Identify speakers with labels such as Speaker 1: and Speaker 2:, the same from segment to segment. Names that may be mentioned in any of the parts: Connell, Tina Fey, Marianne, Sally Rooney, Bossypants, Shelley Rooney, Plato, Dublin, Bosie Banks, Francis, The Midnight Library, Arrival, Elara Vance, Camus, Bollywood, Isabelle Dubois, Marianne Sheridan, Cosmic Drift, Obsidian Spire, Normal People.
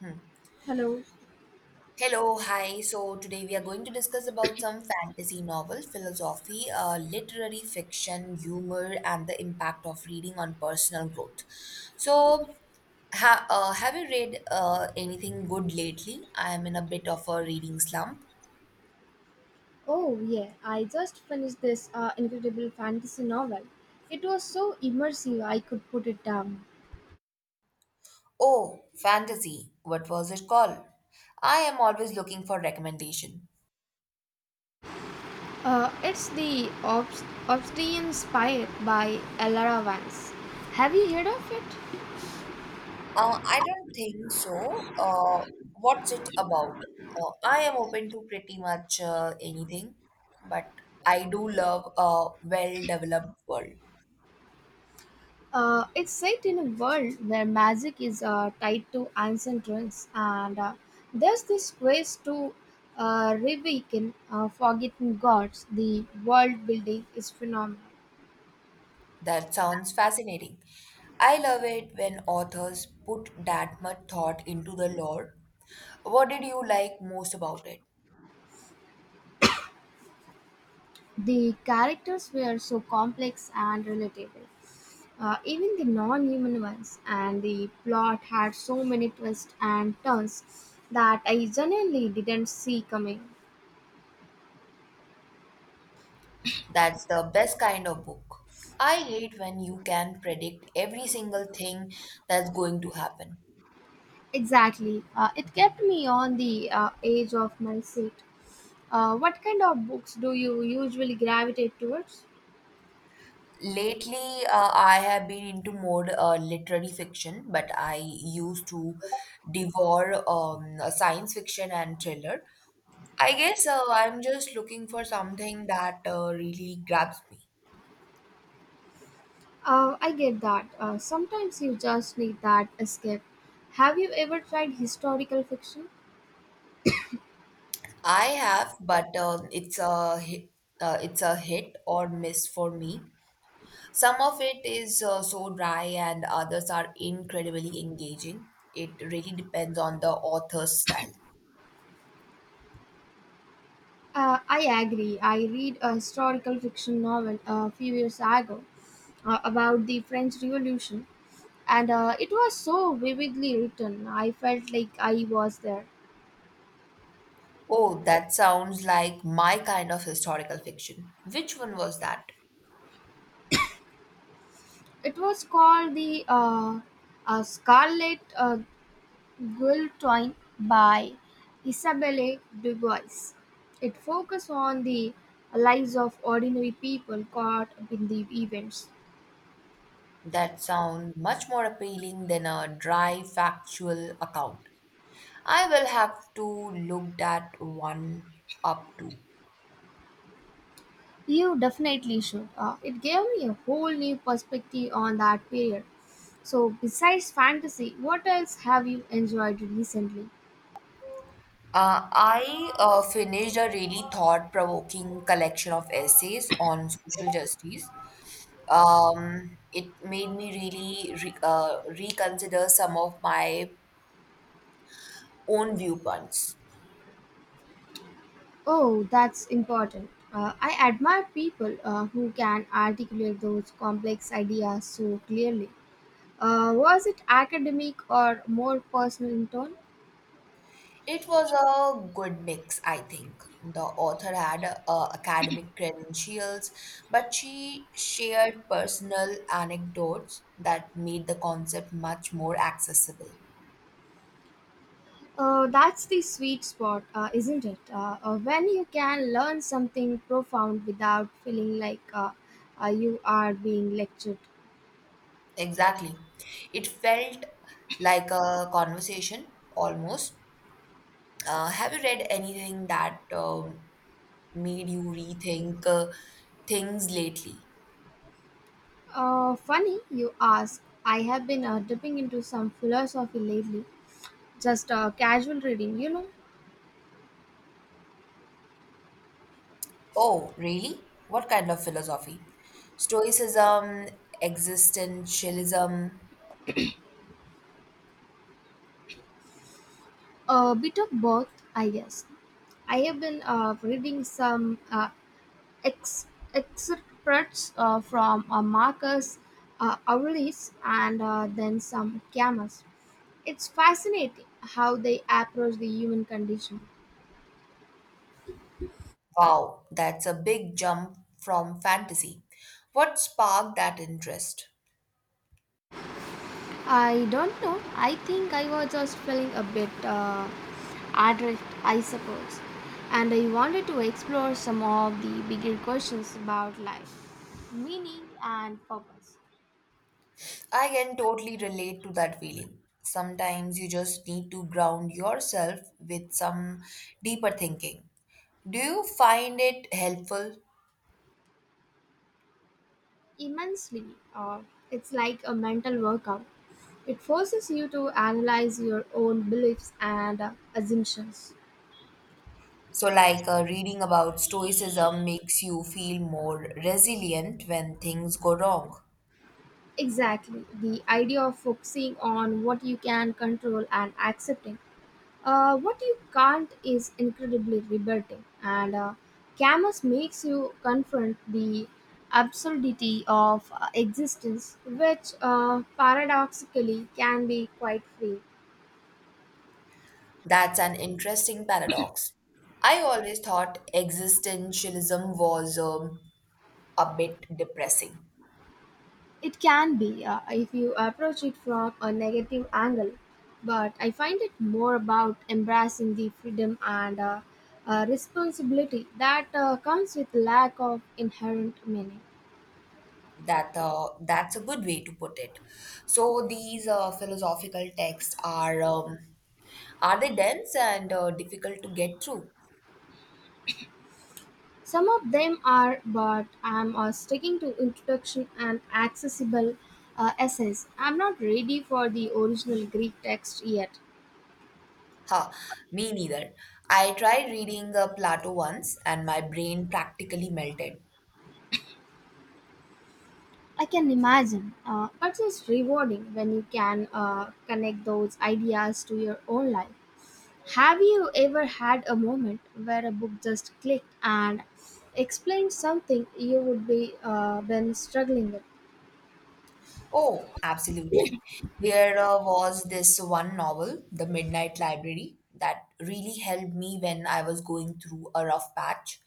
Speaker 1: Hmm.
Speaker 2: Hello.
Speaker 1: Hello, hi. So today we are going to discuss about some fantasy novel, philosophy, literary fiction, humor, and the impact of reading on personal growth. So, have you read anything good lately? I am in a bit of a reading slump.
Speaker 2: Oh, yeah, I just finished this incredible fantasy novel. It was so immersive I could put it down.
Speaker 1: Oh, fantasy. What was it called? I am always looking for recommendation.
Speaker 2: It's the Obsidian Spire by Elara Vance. Have you heard of it?
Speaker 1: I don't think so. What's it about? I am open to pretty much anything, but I do love a well-developed world.
Speaker 2: It's set in a world where magic is tied to ancient ruins, and there's this quest to reawaken forgotten gods. The world building is phenomenal.
Speaker 1: That sounds fascinating. I love it when authors put that much thought into the lore. What did you like most about it?
Speaker 2: The characters were so complex and relatable, even the non human ones, and the plot had so many twists and turns that I genuinely didn't see coming.
Speaker 1: That's the best kind of book. I hate when you can predict every single thing that's going to happen.
Speaker 2: Exactly, it kept me on the edge of my seat. What kind of books do you usually gravitate towards?
Speaker 1: Lately, I have been into more literary fiction, but I used to devour science fiction and thriller. I guess I'm just looking for something that really grabs me.
Speaker 2: I get that. Sometimes you just need that escape. Have you ever tried historical fiction?
Speaker 1: I have, but it's a hit or miss for me. Some of it is so dry, and others are incredibly engaging. It really depends on the author's style.
Speaker 2: I agree. I read a historical fiction novel a few years ago about the French Revolution, and it was so vividly written. I felt like I was there.
Speaker 1: Oh, that sounds like my kind of historical fiction. Which one was that?
Speaker 2: It was called the Scarlet Guillotine by Isabelle Dubois. It focused on the lives of ordinary people caught up in the events.
Speaker 1: That sounds much more appealing than a dry factual account. I will have to look that one up too.
Speaker 2: You definitely should. It gave me a whole new perspective on that period. So, besides fantasy, what else have you enjoyed recently?
Speaker 1: I finished a really thought-provoking collection of essays on social justice. It made me really reconsider some of my own viewpoints.
Speaker 2: Oh, that's important. I admire people who can articulate those complex ideas so clearly. Was it academic or more personal in tone?
Speaker 1: It was a good mix, I think. The author had academic credentials, but she shared personal anecdotes that made the concept much more accessible.
Speaker 2: That's the sweet spot, isn't it? When you can learn something profound without feeling like you are being lectured.
Speaker 1: Exactly. It felt like a conversation almost. Have you read anything that made you rethink things lately?
Speaker 2: Funny you ask. I have been dipping into some philosophy lately, just casual reading, you know,
Speaker 1: Oh, really? What kind of philosophy? Stoicism, existentialism.
Speaker 2: a bit of both, I guess. I have been reading some ex- excerpts from Marcus Aurelius and then some Camus. It's fascinating how they approach the human condition.
Speaker 1: Wow, that's a big jump from fantasy. What sparked that interest?
Speaker 2: I don't know. I think I was just feeling a bit adrift, I suppose, and I wanted to explore some of the bigger questions about life, meaning, and purpose.
Speaker 1: I can totally relate to that feeling. Sometimes you just need to ground yourself with some deeper thinking. Do you find it helpful?
Speaker 2: Immensely, uh, it's like a mental workout. It forces you to analyze your own beliefs and assumptions.
Speaker 1: So, like reading about stoicism makes you feel more resilient when things go wrong.
Speaker 2: Exactly, the idea of focusing on what you can control and accepting. What you can't is incredibly liberating, and Camus makes you confront the absurdity of existence, which paradoxically can be quite free.
Speaker 1: That's an interesting paradox. I always thought existentialism was a bit depressing.
Speaker 2: It can be if you approach it from a negative angle, but I find it more about embracing the freedom and responsibility that comes with lack of inherent meaning.
Speaker 1: That's a good way to put it. So these philosophical texts are they dense and difficult to get through?
Speaker 2: Some of them are, but I'm sticking to introduction and accessible essays. I'm not ready for the original Greek text yet.
Speaker 1: Ha, me neither. I tried reading Plato once, and my brain practically melted.
Speaker 2: I can imagine, but it's rewarding when you can connect those ideas to your own life. Have you ever had a moment where a book just clicked and explained something you would be been struggling with?
Speaker 1: Oh, absolutely. There was this one novel, The Midnight Library, that really helped me when I was going through a rough patch.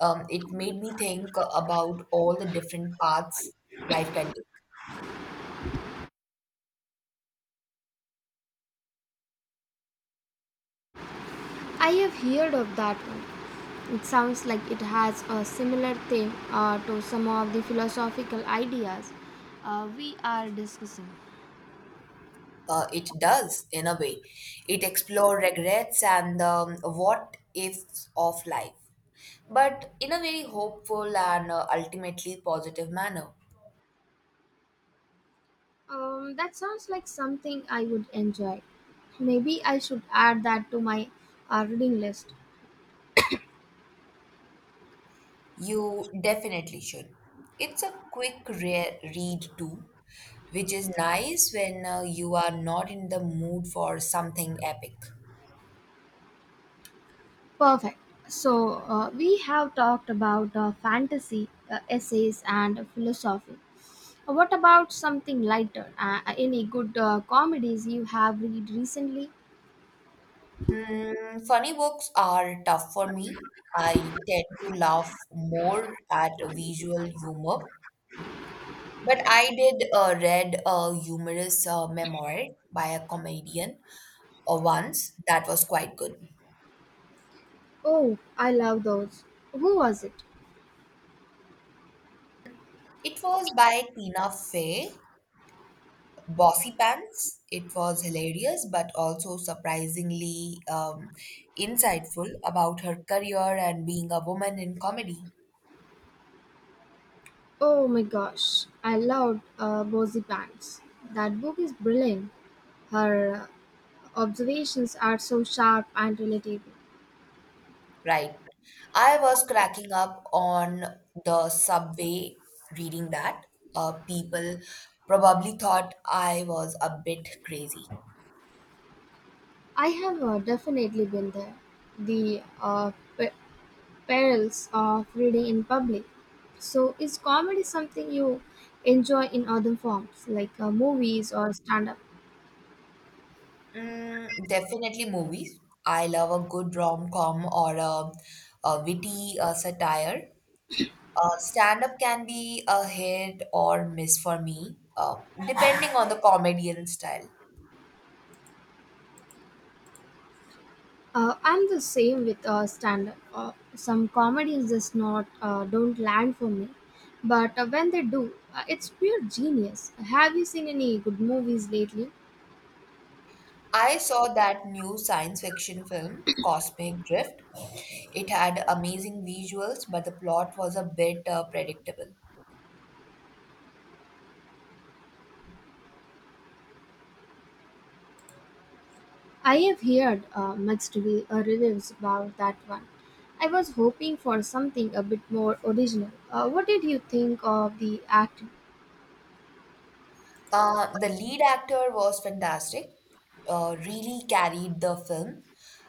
Speaker 1: It made me think about all the different paths life can take.
Speaker 2: I have heard of that one. It sounds like it has a similar theme to some of the philosophical ideas we are discussing.
Speaker 1: It does, in a way. It explored regrets and what ifs of life, but in a very hopeful and ultimately positive manner.
Speaker 2: That sounds like something I would enjoy. Maybe I should add that to my reading list.
Speaker 1: You definitely should. It's a quick read too, which is nice when you are not in the mood for something epic.
Speaker 2: Perfect. So, we have talked about fantasy, essays, and philosophy. What about something lighter? Any good comedies you have read recently?
Speaker 1: Hmm, funny books are tough for me. I tend to laugh more at visual humor. But I did read a humorous memoir by a comedian once that was quite good.
Speaker 2: Oh, I love those. Who was it?
Speaker 1: It was by Tina Fey, bossy pants. It was hilarious, but also surprisingly insightful about her career and being a woman in comedy.
Speaker 2: Oh my gosh, I loved Bosie Banks. That book is brilliant. Her observations are so sharp and relatable.
Speaker 1: Right. I was cracking up on the subway reading that. People probably thought I was a bit crazy.
Speaker 2: I have definitely been there. The pe- perils of reading in public. So, is comedy something you enjoy in other forms, like movies or stand up?
Speaker 1: Mm, definitely movies. I love a good rom-com or a witty satire. Stand up can be a hit or miss for me, depending on the comedian style.
Speaker 2: I'm the same with stand-up. Some comedies just not don't land for me, but when they do, it's pure genius. Have you seen any good movies lately?
Speaker 1: I saw that new science fiction film, Cosmic Drift. It had amazing visuals, but the plot was a bit predictable.
Speaker 2: I have heard mixed reviews about that one. I was hoping for something a bit more original. What did you think of the acting?
Speaker 1: The lead actor was fantastic, really carried the film,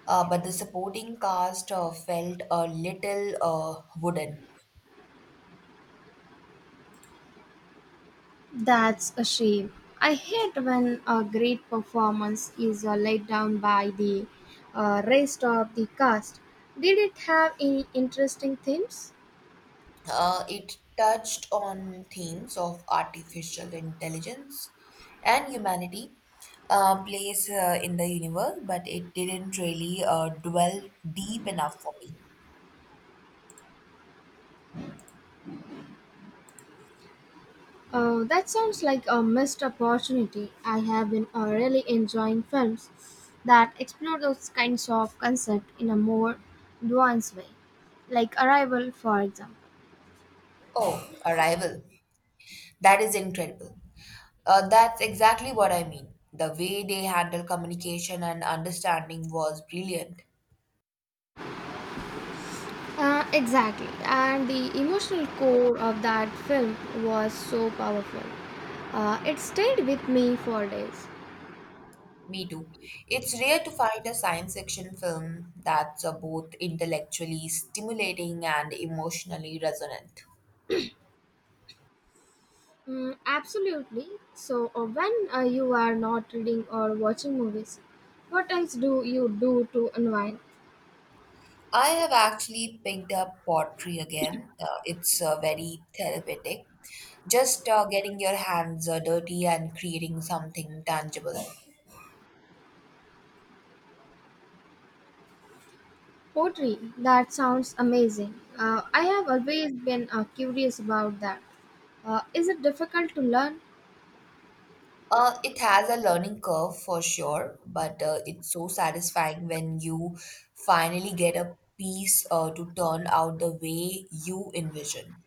Speaker 1: but the supporting cast felt a little wooden.
Speaker 2: That's a shame. I hate when a great performance is laid down by the rest of the cast. Did it have any interesting themes?
Speaker 1: It touched on themes of artificial intelligence and humanity, place in the universe, but it didn't really dwell deep enough for me.
Speaker 2: That sounds like a missed opportunity. I have been really enjoying films that explore those kinds of concept in a more nuanced way, like Arrival, for example.
Speaker 1: Oh, Arrival. That is incredible. That's exactly what I mean. The way they handle communication and understanding was brilliant.
Speaker 2: Exactly, and the emotional core of that film was so powerful. It stayed with me for days.
Speaker 1: Me too. It's rare to find a science fiction film that's both intellectually stimulating and emotionally resonant.
Speaker 2: Mm, absolutely. So, when you are not reading or watching movies, what else do you do to unwind?
Speaker 1: I have actually picked up pottery again. It's very therapeutic. Just getting your hands dirty and creating something tangible.
Speaker 2: Poetry. That sounds amazing. I have always been curious about that. Is it difficult to learn?
Speaker 1: It has a learning curve for sure, but it's so satisfying when you finally get a piece to turn out the way you envision.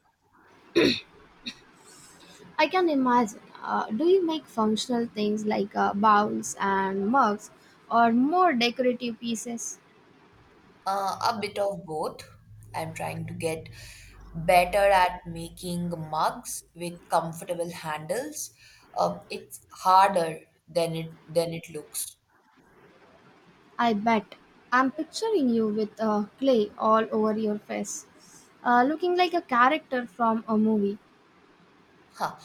Speaker 2: I can imagine. Do you make functional things like bowls and mugs or more decorative pieces?
Speaker 1: A bit of both. I'm trying to get better at making mugs with comfortable handles. It's harder than it looks.
Speaker 2: I bet. I'm picturing you with clay all over your face, looking like a character from a movie.
Speaker 1: Huh.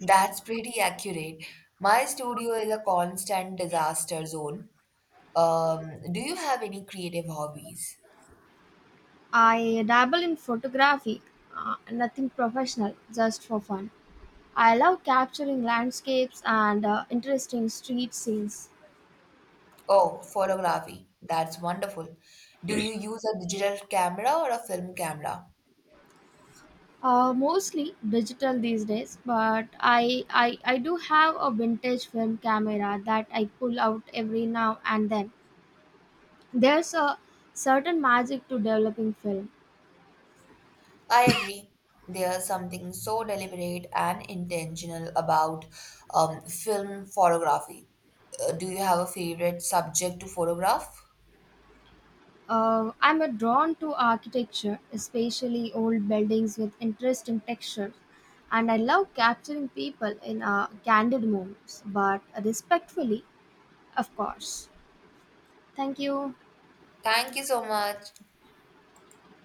Speaker 1: That's pretty accurate. My studio is a constant disaster zone. Do you have any creative hobbies?
Speaker 2: I dabble in photography, nothing professional, just for fun. I love capturing landscapes and interesting street scenes.
Speaker 1: Oh, photography. That's wonderful. Do you use a digital camera or a film camera?
Speaker 2: Mostly digital these days, but I do have a vintage film camera that I pull out every now and then. There's a certain magic to developing film.
Speaker 1: I agree. There's something so deliberate and intentional about film photography. Do you have a favorite subject to photograph?
Speaker 2: I'm a drawn to architecture, especially old buildings with interesting textures, and I love capturing people in candid moments, but respectfully, of course. Thank you.
Speaker 1: Thank you so much.